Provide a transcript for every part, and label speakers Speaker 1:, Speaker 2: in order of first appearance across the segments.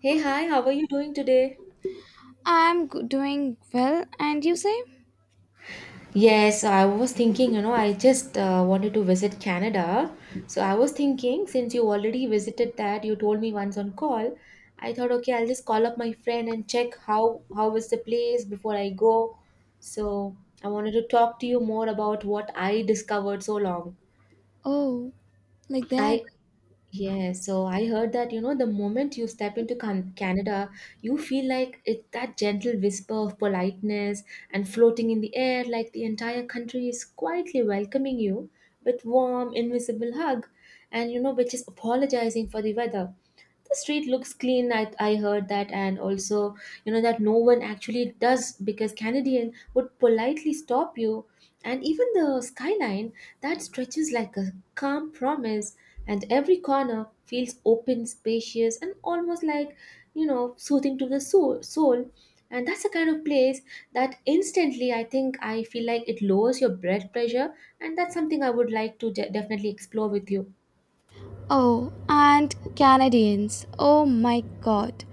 Speaker 1: Hey, hi, how are you doing today?
Speaker 2: Doing well, and you say?
Speaker 1: Yes, I was thinking, you know, I just wanted to visit Canada. So I was thinking, since you already visited that, you told me once on call, I thought, okay, I'll just call up my friend and check how is the place before I go. So I wanted to talk to you more about what I discovered so long.
Speaker 2: Oh, like that.
Speaker 1: I Yes, so I heard that, you know, the moment you step into Canada, you feel like it's that gentle whisper of politeness and floating in the air, like the entire country is quietly welcoming you with warm, invisible hug, and you know, which is apologizing for the weather. The street looks clean, I heard that, and also you know that no one actually does because Canadian would politely stop you, and even the skyline that stretches like a calm promise, and every corner feels open spacious and almost like, you know, soothing to the soul. And that's the kind of place that instantly, I think, I feel like it lowers your blood pressure, and that's something I would like to definitely explore with you.
Speaker 2: Oh, and Canadians. Oh my god.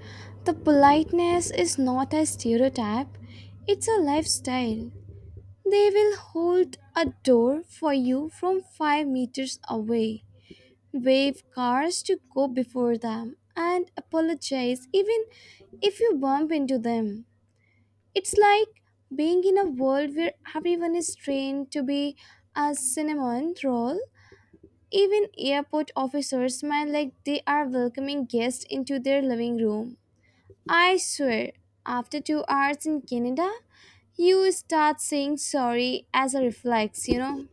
Speaker 2: The politeness is not a stereotype, it's a lifestyle. They will hold a door for you from 5 meters away, wave cars to go before them, and apologize even if you bump into them. It's like being in a world where everyone is trained to be a cinnamon roll. Even airport officers smile like they are welcoming guests into their living room. I swear, after 2 hours in Canada, you start saying sorry as a reflex, you know?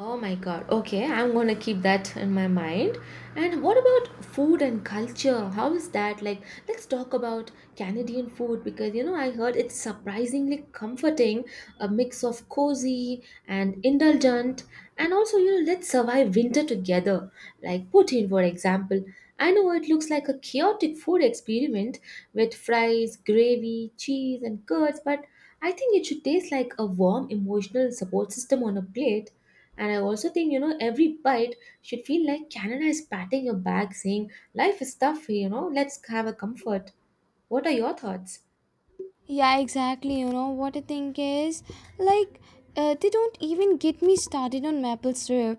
Speaker 1: Oh my god. Okay, I'm going to keep that in my mind. And what about food and culture? How is that? Like, let's talk about Canadian food, because you know, I heard it's surprisingly comforting, a mix of cozy and indulgent. And also, you know, let's survive winter together. Like poutine, for example. I know it looks like a chaotic food experiment with fries, gravy, cheese, and curds, but I think it should taste like a warm emotional support system on a plate. And I also think, you know, every bite should feel like Canada is patting your back saying, "Life is tough, you know, let's have a comfort." What are your thoughts?
Speaker 2: Yeah, exactly. You know what I think is like They don't even get me started on maple syrup.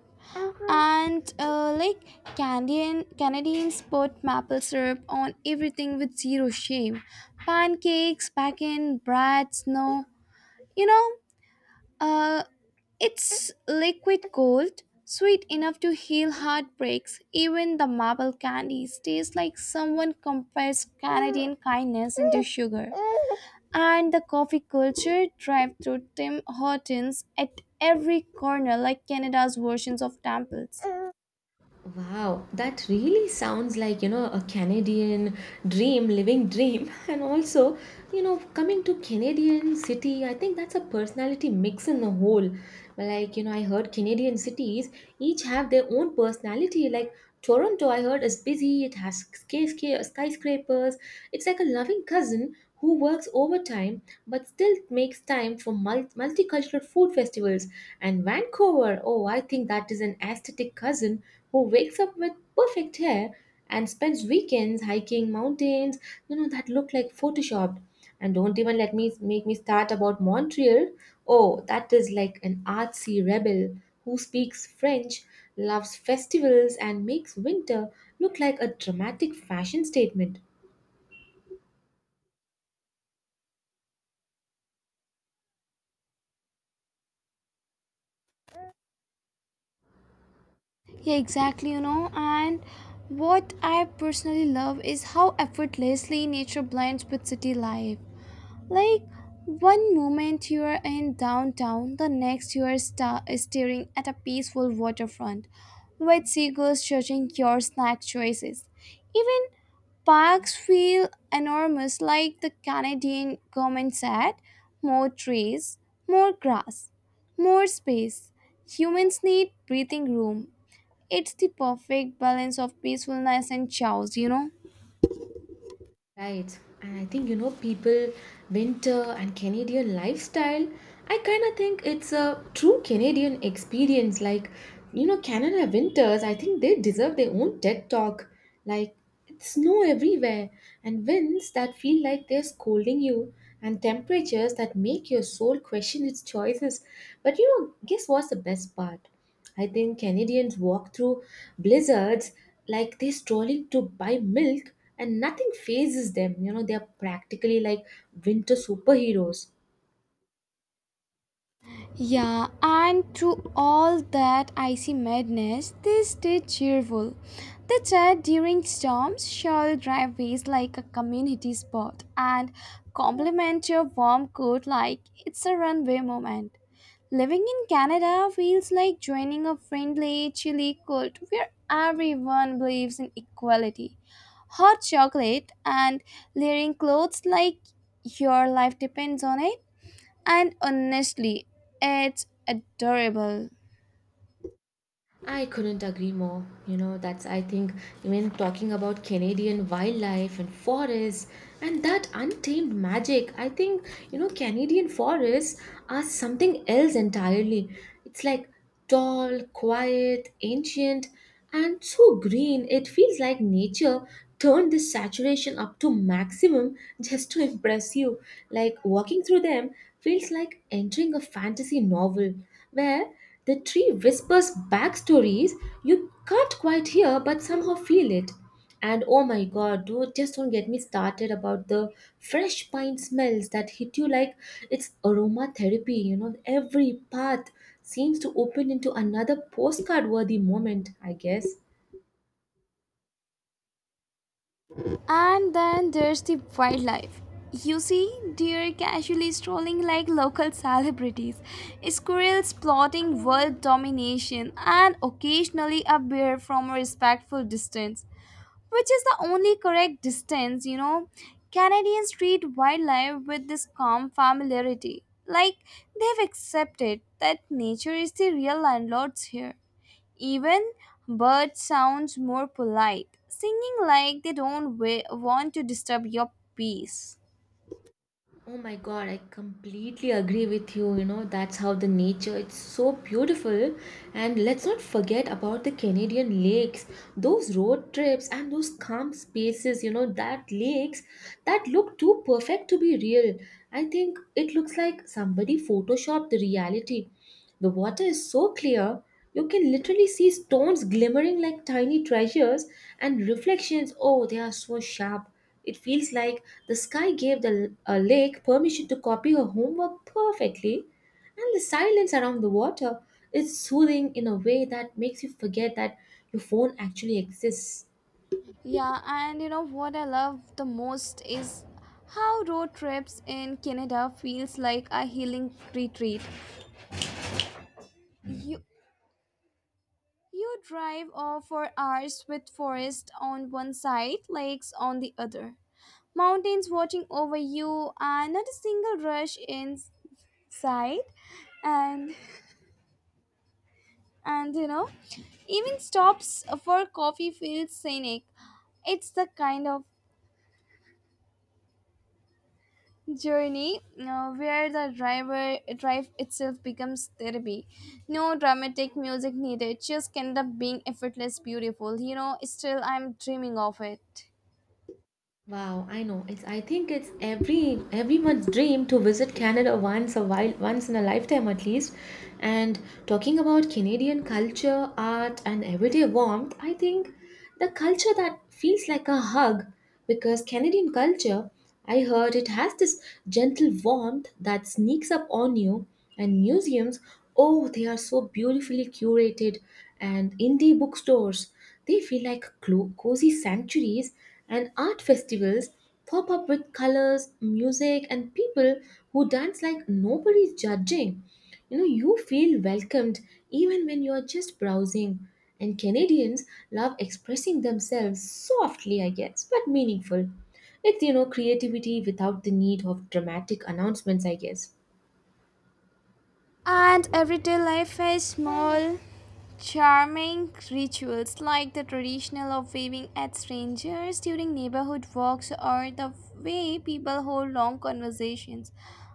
Speaker 2: And like Canadians put maple syrup on everything with zero shame. Pancakes, bacon, bread, snow. You know, uh, it's liquid gold, sweet enough to heal heartbreaks. Even the maple candies taste like someone compressed Canadian kindness into sugar, and the coffee culture, drive through Tim Hortons at every corner, like Canada's versions of temples.
Speaker 1: Wow, that really sounds like, you know, a Canadian dream, living dream. And also, you know, coming to Canadian city, I think that's a personality mix in the whole. Like, you know, I heard Canadian cities each have their own personality. Like Toronto, I heard, is busy, it has skyscrapers. It's like a loving cousin who works overtime but still makes time for multicultural food festivals. And Vancouver, oh, I think that is an aesthetic cousin who wakes up with perfect hair and spends weekends hiking mountains, you know, that look like photoshopped. And don't even let me make me start about Montreal. Oh, that is like an artsy rebel who speaks French, loves festivals, and makes winter look like a dramatic fashion statement.
Speaker 2: Yeah, exactly, you know. And what I personally love is how effortlessly nature blends with city life. Like one moment you are in downtown, the next you are staring at a peaceful waterfront with seagulls judging your snack choices. Even parks feel enormous, like the Canadian government said more trees, more grass, more space. Humans need breathing room. It's the perfect balance of peacefulness and chaos, you know?
Speaker 1: Right, and I think, you know, people, winter and Canadian lifestyle. I kind of think it's a true Canadian experience. Like, you know, Canada winters, I think they deserve their own TED talk. Like, it's snow everywhere, and winds that feel like they're scolding you, and temperatures that make your soul question its choices. But you know, guess what's the best part? I think Canadians walk through blizzards like they're strolling to buy milk, and nothing phases them. You know, they're practically like winter superheroes.
Speaker 2: Yeah, and through all that icy madness, they stayed cheerful. They chat during storms, shall driveways like a community spot, and compliment your warm coat like it's a runway moment. Living in Canada feels like joining a friendly, chilly cult where everyone believes in equality. Hot chocolate and layering clothes like your life depends on it. And honestly, it's adorable.
Speaker 1: I couldn't agree more. You know, that's, I think, even talking about Canadian wildlife and forests and that untamed magic, I think, you know, Canadian forests are something else entirely. It's like tall, quiet, ancient, and so green it feels like nature turned this saturation up to maximum just to impress you. Like walking through them feels like entering a fantasy novel where the tree whispers backstories you can't quite hear but somehow feel it. And oh my god, dude, just don't get me started about the fresh pine smells that hit you like it's aromatherapy. You know, every path seems to open into another postcard worthy moment, I guess.
Speaker 2: And then there's the wildlife. You see deer casually strolling like local celebrities, squirrels plotting world domination, and occasionally a bear from a respectful distance, which is the only correct distance, you know. Canadians treat wildlife with this calm familiarity, like they've accepted that nature is the real landlords here. Even birds sounds more polite, singing like they don't want to disturb your peace.
Speaker 1: Oh my God, I completely agree with you. You know, that's how the nature, it's so beautiful. And let's not forget about the Canadian lakes. Those road trips and those calm spaces, you know, that lakes that look too perfect to be real. I think it looks like somebody photoshopped the reality. The water is so clear, you can literally see stones glimmering like tiny treasures, and reflections, oh, they are so sharp. It feels like the sky gave the lake permission to copy her homework perfectly. And the silence around the water is soothing in a way that makes you forget that your phone actually exists.
Speaker 2: Yeah, and you know what I love the most is how road trips in Canada feels like a healing retreat. You you drive off for hours with forest on one side, lakes on the other, mountains watching over you, and not a single rush in sight. And and you know, even stops for coffee feel scenic. It's the kind of journey, you know, where the drive itself becomes therapy. No dramatic music needed, just end up being effortless beautiful, you know. Still I'm dreaming of it.
Speaker 1: Wow, I know. It's, I think, it's everyone's dream to visit Canada once a while, once in a lifetime at least. And talking about Canadian culture, art and everyday warmth, I think the culture that feels like a hug, because Canadian culture, I heard, it has this gentle warmth that sneaks up on you, and museums, oh, they are so beautifully curated, and indie bookstores, they feel like cozy sanctuaries, and art festivals pop up with colors, music, and people who dance like nobody's judging. You know, you feel welcomed even when you're just browsing. And Canadians love expressing themselves softly, I guess, but meaningful. It's, you know, creativity without the need of dramatic announcements, I guess.
Speaker 2: And everyday life is small charming rituals, like the traditional of waving at strangers during neighborhood walks, or the way people hold long conversations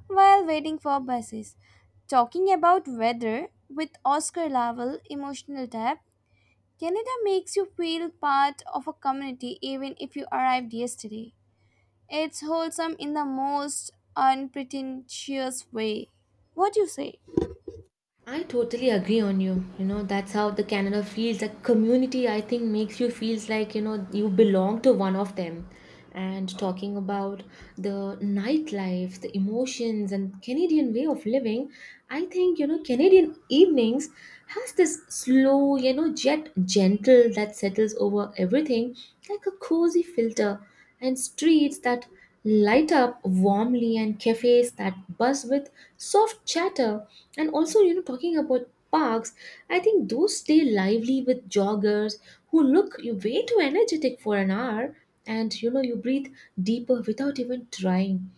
Speaker 2: while waiting for buses. Talking about weather with Oscar Laval, emotional depth, Canada makes you feel part of a community even if you arrived yesterday. It's wholesome in the most unpretentious way. What do you say?
Speaker 1: I totally agree on you. You know, that's how the Canada feels. A community, I think, makes you feels like, you know, you belong to one of them. And talking about the nightlife, the emotions, and Canadian way of living, I think, you know, Canadian evenings has this slow, you know, jet gentle that settles over everything like a cozy filter, and streets that light up warmly, and cafes that buzz with soft chatter. And also, you know, talking about parks, I think those stay lively with joggers who look you way too energetic for an hour. And you know, you breathe deeper without even trying,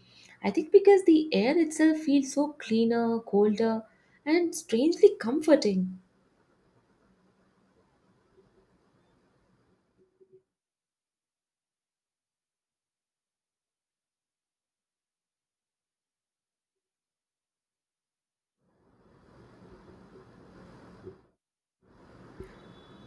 Speaker 1: I think, because the air itself feels so cleaner, colder, and strangely comforting.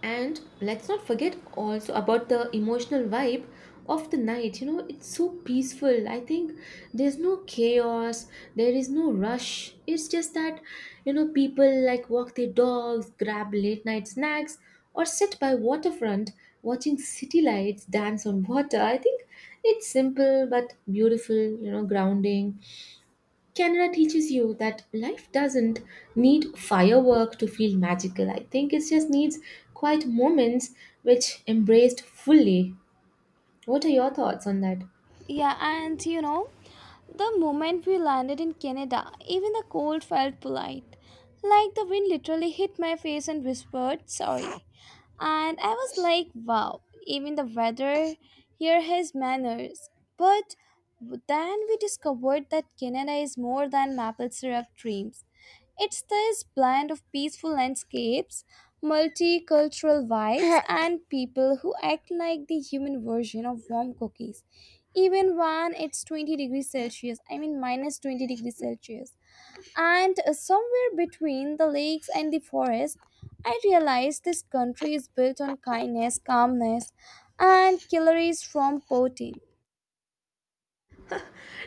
Speaker 1: And let's not forget also about the emotional vibe of the night, you know, it's so peaceful, I think. There's no chaos, there is no rush. It's just that, you know, people like walk their dogs, grab late night snacks, or sit by waterfront watching city lights dance on water. I think it's simple but beautiful, you know, grounding. Canada teaches you that life doesn't need firework to feel magical. I think it just needs quiet moments which embraced fully. What are your thoughts on that?
Speaker 2: Yeah, and you know, the moment we landed in Canada, even the cold felt polite. Like the wind literally hit my face and whispered, "Sorry." And I was like, wow, even the weather here has manners. But then we discovered that Canada is more than maple syrup dreams. It's this blend of peaceful landscapes, multicultural vibes, and people who act like the human version of warm cookies. Even when it's 20 degrees Celsius, I mean minus 20 degrees Celsius. And Somewhere between the lakes and the forest, I realized this country is built on kindness, calmness, and calories from poverty.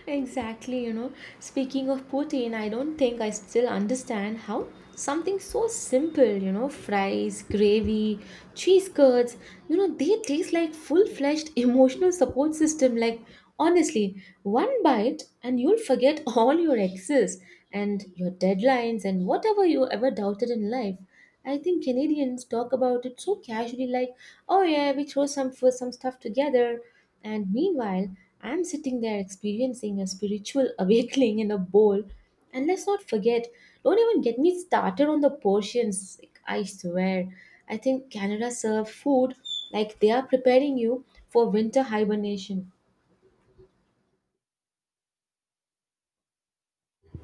Speaker 1: Exactly, you know. Speaking of Putin, I don't think I still understand how something so simple, you know, fries, gravy, cheese curds, you know, they taste like full fledged emotional support system. Like, honestly, one bite and you'll forget all your exes and your deadlines and whatever you ever doubted in life. I think Canadians talk about it so casually, like, oh yeah, we throw some food, some stuff together. And meanwhile, I'm sitting there experiencing a spiritual awakening in a bowl. And let's not forget, don't even get me started on the portions. Like, I swear, I think Canada serve food like they are preparing you for winter hibernation.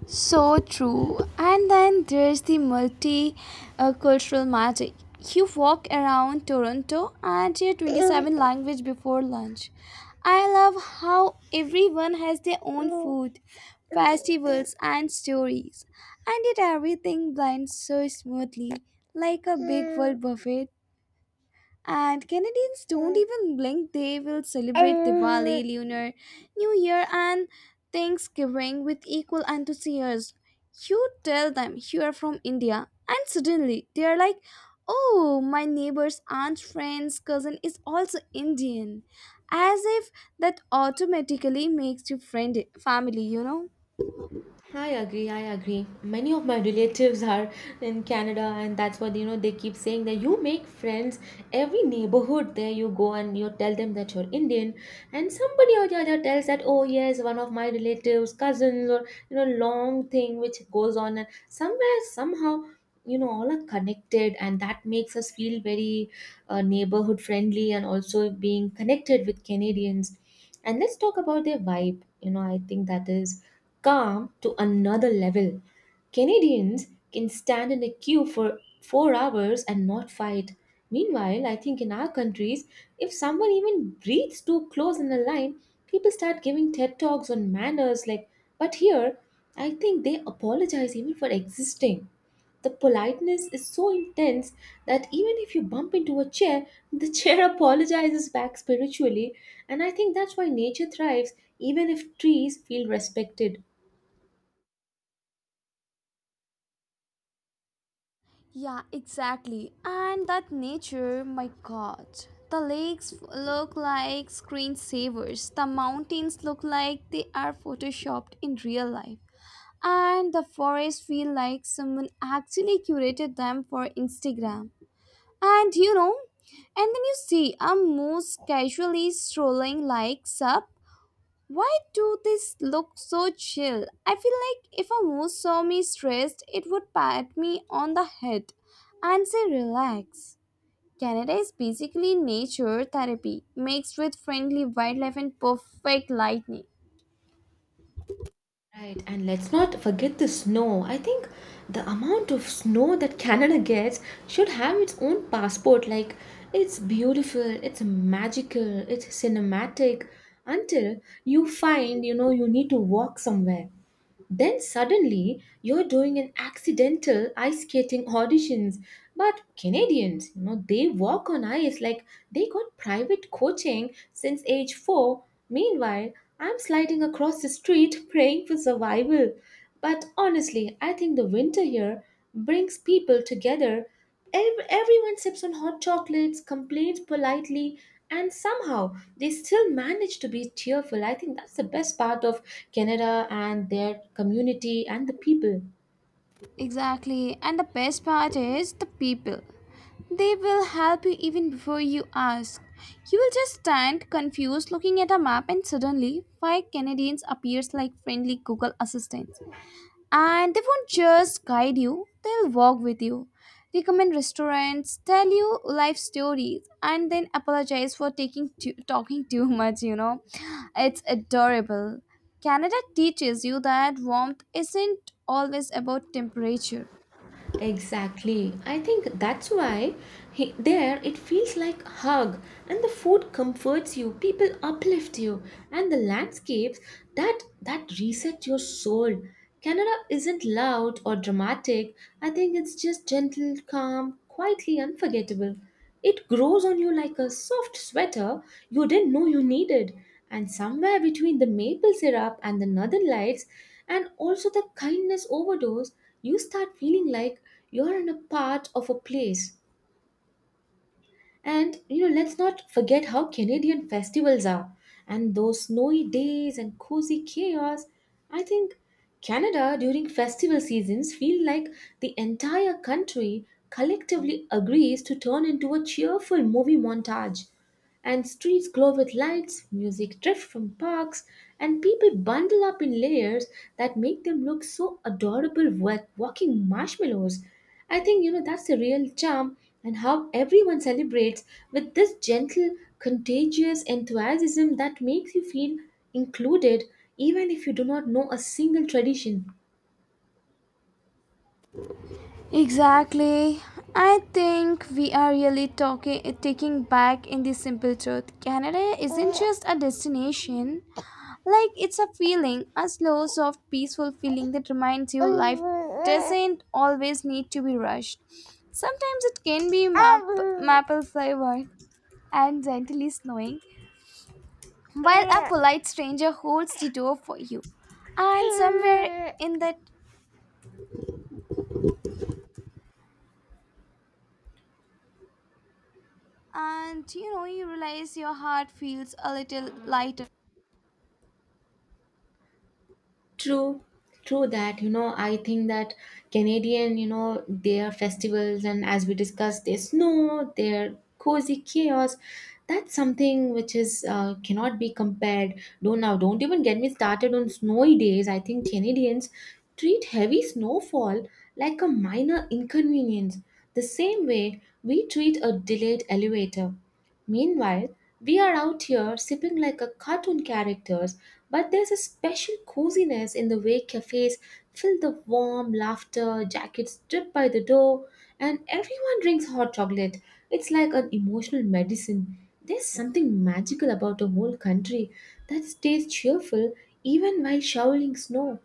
Speaker 2: So true. And then there's the multi cultural magic. You walk around Toronto and hear 27 language before lunch. I love how everyone has their own food, festivals and stories. And yet everything blends so smoothly, like a big world buffet. And Canadians don't even blink. They will celebrate Diwali, Lunar New Year, and Thanksgiving with equal enthusiasm. You tell them you are from India, and suddenly they are like, "Oh, my neighbor's aunt, friend's cousin is also Indian." As if that automatically makes you friend family, you know?
Speaker 1: I agree, I agree. Many of my relatives are in Canada, and that's what, you know, they keep saying, that you make friends every neighborhood there you go, and you tell them that you're Indian, and somebody or the other tells that, oh, yes, one of my relatives, cousins, or, you know, long thing which goes on, and somewhere, somehow, you know, all are connected, and that makes us feel very neighborhood friendly and also being connected with Canadians. And let's talk about their vibe. You know, I think that is calm to another level. Canadians can stand in a queue for 4 hours and not fight. Meanwhile, I think in our countries, if someone even breathes too close in a line, people start giving TED Talks on manners. Like, but here, I think they apologize even for existing. The politeness is so intense that even if you bump into a chair, the chair apologizes back spiritually. And I think that's why nature thrives, even if trees feel respected.
Speaker 2: Yeah, exactly. And that nature, my god. The lakes look like screensavers. The mountains look like they are photoshopped in real life. And the forests feel like someone actually curated them for Instagram. And you know, and then you see a moose casually strolling like, "Sup, why do this look so chill?" I feel like if a moose saw me stressed, it would pat me on the head and say, "Relax." Canada is basically nature therapy mixed with friendly wildlife and perfect lightning.
Speaker 1: Right, and let's not forget the snow. I think the amount of snow that Canada gets should have its own passport. Like, it's beautiful, it's magical, it's cinematic, until you find, you know, you need to walk somewhere. Then suddenly you're doing an accidental ice skating auditions. But Canadians, you know, they walk on ice like they got private coaching since age 4. Meanwhile, I'm sliding across the street praying for survival. But honestly, I think the winter here brings people together. Everyone sips on hot chocolates, complains politely, and somehow they still manage to be cheerful. I think that's the best part of Canada and their community and the people.
Speaker 2: Exactly, and the best part is the people. They will help you even before you ask. You will just stand confused looking at a map and suddenly five Canadians appears like friendly Google assistants. And they won't just guide you, they'll walk with you, recommend restaurants, tell you life stories, and then apologize for talking too much, you know. It's adorable. Canada teaches you that warmth isn't always about temperature.
Speaker 1: Exactly. I think that's why there it feels like hug, and the food comforts you, people uplift you, and the landscapes that reset your soul. Canada isn't loud or dramatic. I think it's just gentle, calm, quietly unforgettable. It grows on you like a soft sweater you didn't know you needed. And somewhere between the maple syrup and the northern lights, and also the kindness overdose, you start feeling like you're in a part of a place. Let's not forget how Canadian festivals are and those snowy days and cozy chaos. I think Canada during festival seasons feel like the entire country collectively agrees to turn into a cheerful movie montage and streets glow with lights, music drift from parks, and people bundle up in layers that make them look so adorable walking marshmallows. I think that's the real charm and how everyone celebrates with this gentle, contagious enthusiasm that makes you feel included even if you do not know a single tradition.
Speaker 2: Exactly. I think we are really talking taking back in the simple truth. Canada isn't just a destination. Like it's a feeling, a slow, soft, peaceful feeling that reminds you life doesn't always need to be rushed. Sometimes it can be maple flavored and gently snowing, while a polite stranger holds the door for you. And somewhere in that, and you know, you realize your heart feels a little lighter.
Speaker 1: True, true that, I think that Canadian, their festivals and as we discussed, their snow, their cozy chaos, that's something which is cannot be compared. Don't even get me started on snowy days. I think Canadians treat heavy snowfall like a minor inconvenience, the same way we treat a delayed elevator. Meanwhile, we are out here sipping like a cartoon characters, but there's a special coziness in the way cafes fill the warm laughter, jackets drip by the door, and everyone drinks hot chocolate. It's like an emotional medicine. There's something magical about a whole country that stays cheerful even while shoveling snow.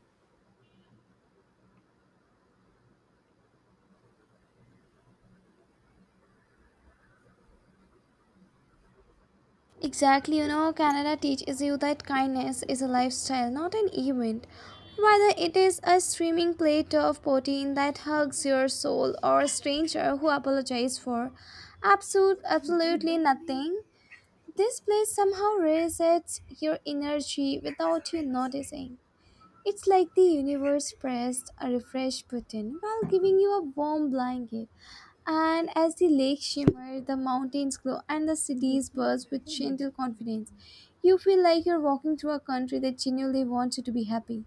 Speaker 2: Exactly, you know, Canada teaches you that kindness is a lifestyle, not an event. Whether it is a streaming plate of protein that hugs your soul or a stranger who apologizes for absolutely nothing, this place somehow resets your energy without you noticing. It's like the universe pressed a refresh button while giving you a warm blanket. And as the lake shimmers, the mountains glow, and the cities burst with gentle confidence, you feel like you're walking through a country that genuinely wants you to be happy.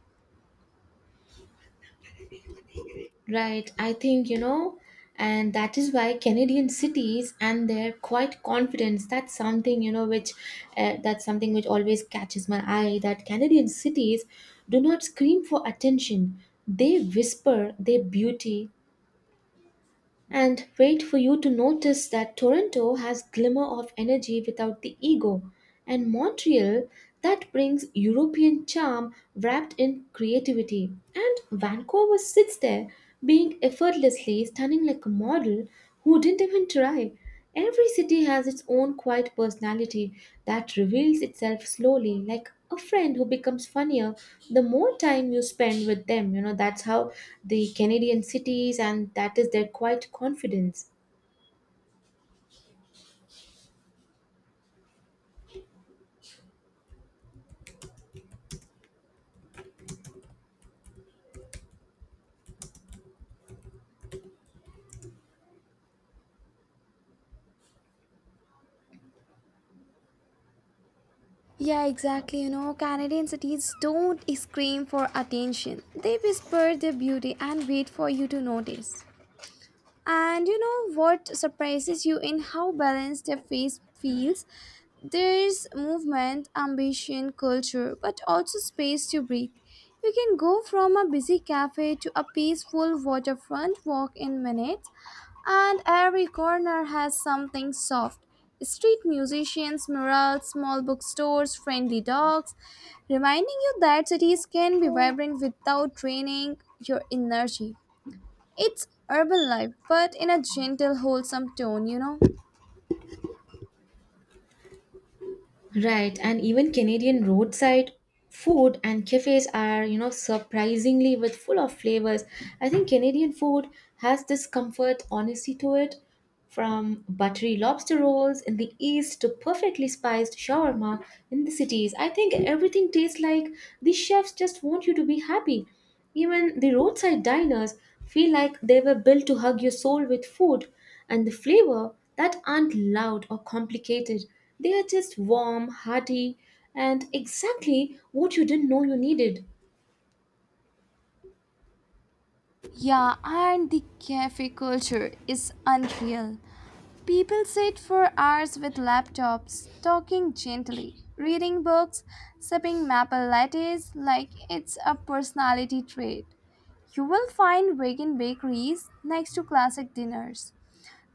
Speaker 1: Right, I think, and that is why Canadian cities and their quiet confidence, that's something, you know, which that's something which always catches my eye that Canadian cities do not scream for attention. They whisper their beauty, and wait for you to notice that Toronto has glimmer of energy without the ego, and Montreal that brings European charm wrapped in creativity, and Vancouver sits there being effortlessly stunning like a model who didn't even try. Every city has its own quiet personality that reveals itself slowly, like a friend who becomes funnier the more time you spend with them. That's how the Canadian cities and that is their quiet confidence.
Speaker 2: Yeah, exactly. You know, Canadian cities don't scream for attention, they whisper their beauty and wait for you to notice. And you know what surprises you in how balanced their face feels? There's movement, ambition, culture, but also space to breathe. You can go from a busy cafe to a peaceful waterfront walk in minutes, and every corner has something soft. Street musicians, murals, small bookstores, friendly dogs, reminding you that cities can be vibrant without draining your energy. It's urban life, but in a gentle, wholesome tone, you know?
Speaker 1: Right, and even Canadian roadside food and cafes are, surprisingly with full of flavors. I think Canadian food has this comfort, honesty to it, from buttery lobster rolls in the east to perfectly spiced shawarma in the cities. I think everything tastes like the chefs just want you to be happy. Even the roadside diners feel like they were built to hug your soul with food, and the flavor that aren't loud or complicated. They are just warm, hearty, and exactly what you didn't know you needed.
Speaker 2: Yeah, and the cafe culture is unreal. People sit for hours with laptops, talking gently, reading books, sipping maple lattes like it's a personality trait. You will find vegan bakeries next to classic dinners.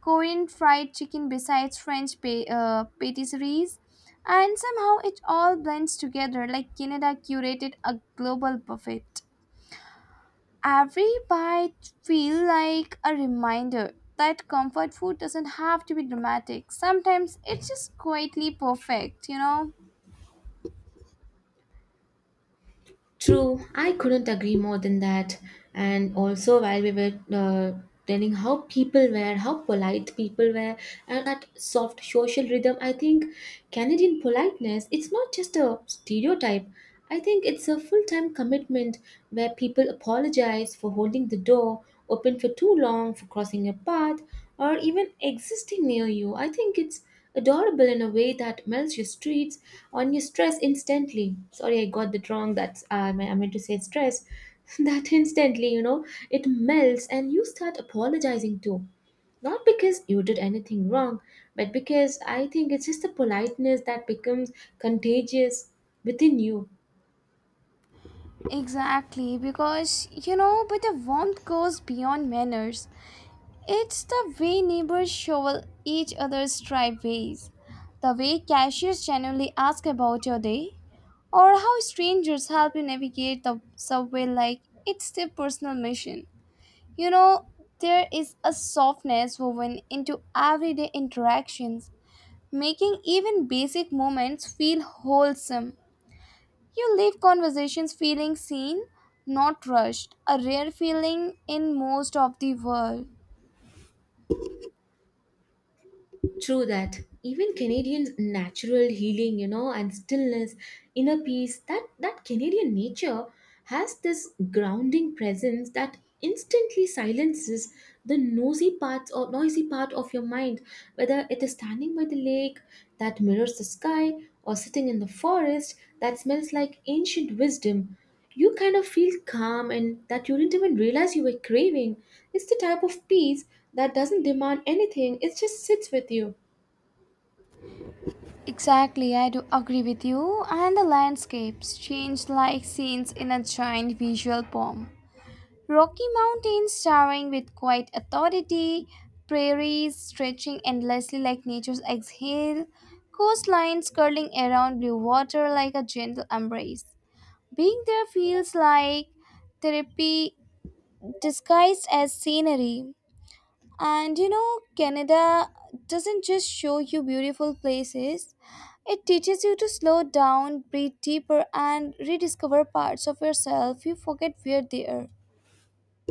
Speaker 2: Korean fried chicken besides French patisseries. And somehow it all blends together like Canada curated a global buffet. Every bite feels like a reminder that comfort food doesn't have to be dramatic. Sometimes it's just quietly perfect, you know?
Speaker 1: True, I couldn't agree more than that. And also, while we were telling how people were, how polite people were, and that soft social rhythm, I think Canadian politeness, it's not just a stereotype. I think it's a full time commitment where people apologize for holding the door open for too long, for crossing your path, or even existing near you. I think it's adorable in a way that melts your streets on your stress instantly. Sorry, I got that wrong. That's meant to say stress. That instantly, it melts and you start apologizing too, not because you did anything wrong, but because I think it's just the politeness that becomes contagious within you.
Speaker 2: Exactly, because you know, but the warmth goes beyond manners. It's the way neighbors shovel each other's driveways, the way cashiers genuinely ask about your day, or how strangers help you navigate the subway like it's their personal mission. You know, there is a softness woven into everyday interactions, making even basic moments feel wholesome. You leave conversations feeling seen, not rushed, a rare feeling in most of the world.
Speaker 1: True that. Even Canadians' natural healing, and stillness, inner peace, that Canadian nature has this grounding presence that instantly silences the nosy parts or noisy part of your mind, whether it is standing by the lake that mirrors the sky or sitting in the forest that smells like ancient wisdom. You kind of feel calm and that you didn't even realize you were craving. It's the type of peace that doesn't demand anything, it just sits with you.
Speaker 2: Exactly, I do agree with you. And the landscapes change like scenes in a giant visual poem. Rocky Mountains towering with quiet authority, prairies stretching endlessly like nature's exhale, coastlines curling around blue water like a gentle embrace. Being there feels like therapy disguised as scenery. And you know, Canada doesn't just show you beautiful places, it teaches you to slow down, breathe deeper, and rediscover parts of yourself you forget were there.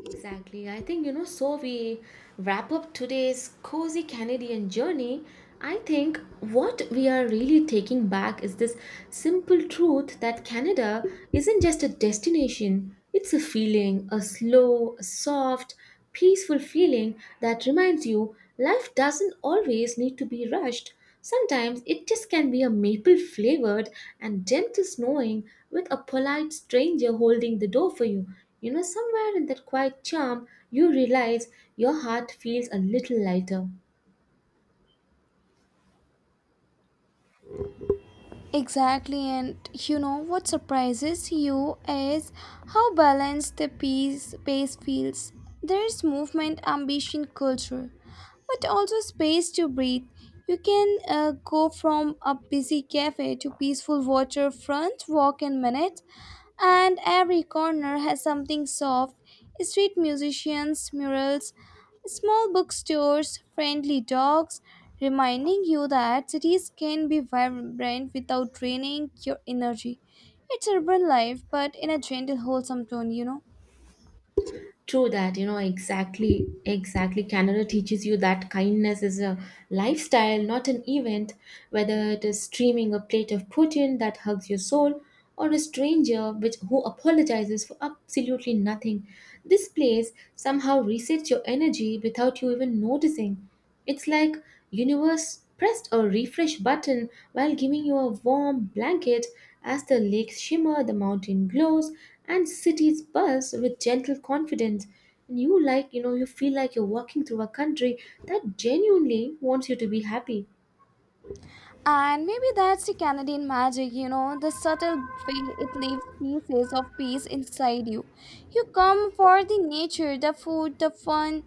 Speaker 1: Exactly. I think, so we wrap up today's cozy Canadian journey. I think what we are really taking back is this simple truth that Canada isn't just a destination, it's a feeling, a slow, soft, peaceful feeling that reminds you life doesn't always need to be rushed. Sometimes it just can be a maple flavored and gentle snowing with a polite stranger holding the door for you. Somewhere in that quiet charm, you realize your heart feels a little lighter.
Speaker 2: Exactly, and you know what surprises you is how balanced the peace space feels. There is movement, ambition, culture, but also space to breathe. You can go from a busy cafe to peaceful waterfront walk in minutes, and every corner has something soft. Street musicians, murals, small bookstores, friendly dogs, reminding you that cities can be vibrant without draining your energy. It's urban life, but in a gentle, wholesome tone, you know.
Speaker 1: True that, exactly, exactly. Canada teaches you that kindness is a lifestyle, not an event. Whether it is streaming a plate of protein that hugs your soul, or a stranger which who apologizes for absolutely nothing, this place somehow resets your energy without you even noticing. It's like universe pressed a refresh button while giving you a warm blanket as the lakes shimmer, the mountain glows, and cities buzz with gentle confidence. And you feel like you're walking through a country that genuinely wants you to be happy.
Speaker 2: And maybe that's the Canadian magic, you know, the subtle way it leaves pieces of peace inside you. You come for the nature, the food, the fun,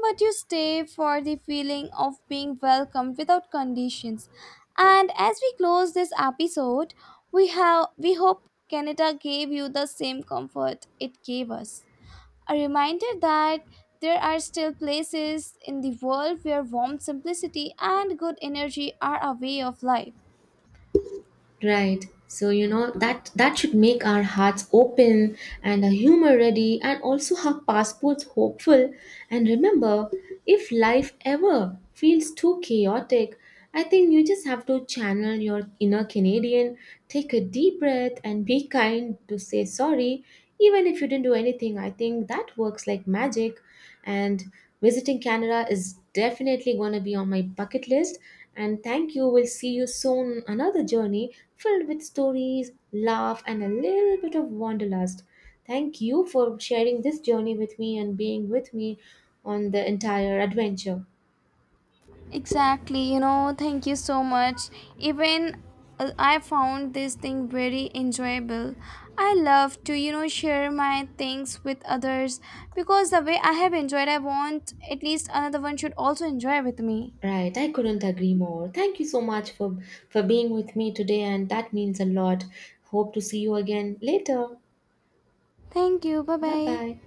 Speaker 2: but you stay for the feeling of being welcomed without conditions. And as we close this episode, we hope Canada gave you the same comfort it gave us. A reminder that there are still places in the world where warm simplicity and good energy are a way of life.
Speaker 1: Right. So that that should make our hearts open and our humor ready and also our passports hopeful. And remember, if life ever feels too chaotic, I think you just have to channel your inner Canadian, take a deep breath and be kind to say sorry even if you didn't do anything. I think that works like magic. And visiting Canada is definitely going to be on my bucket list. And thank you. We'll see you soon. Another journey filled with stories, laugh, and a little bit of wanderlust. Thank you for sharing this journey with me and being with me on the entire adventure.
Speaker 2: Exactly, you know, thank you so much. Even I found this thing very enjoyable. I love to, you know, share my things with others because the way I have enjoyed, I want at least another one should also enjoy with me.
Speaker 1: Right, I couldn't agree more. Thank you so much for being with me today and that means a lot. Hope to see you again later.
Speaker 2: Thank you. Bye bye.
Speaker 1: Bye-bye.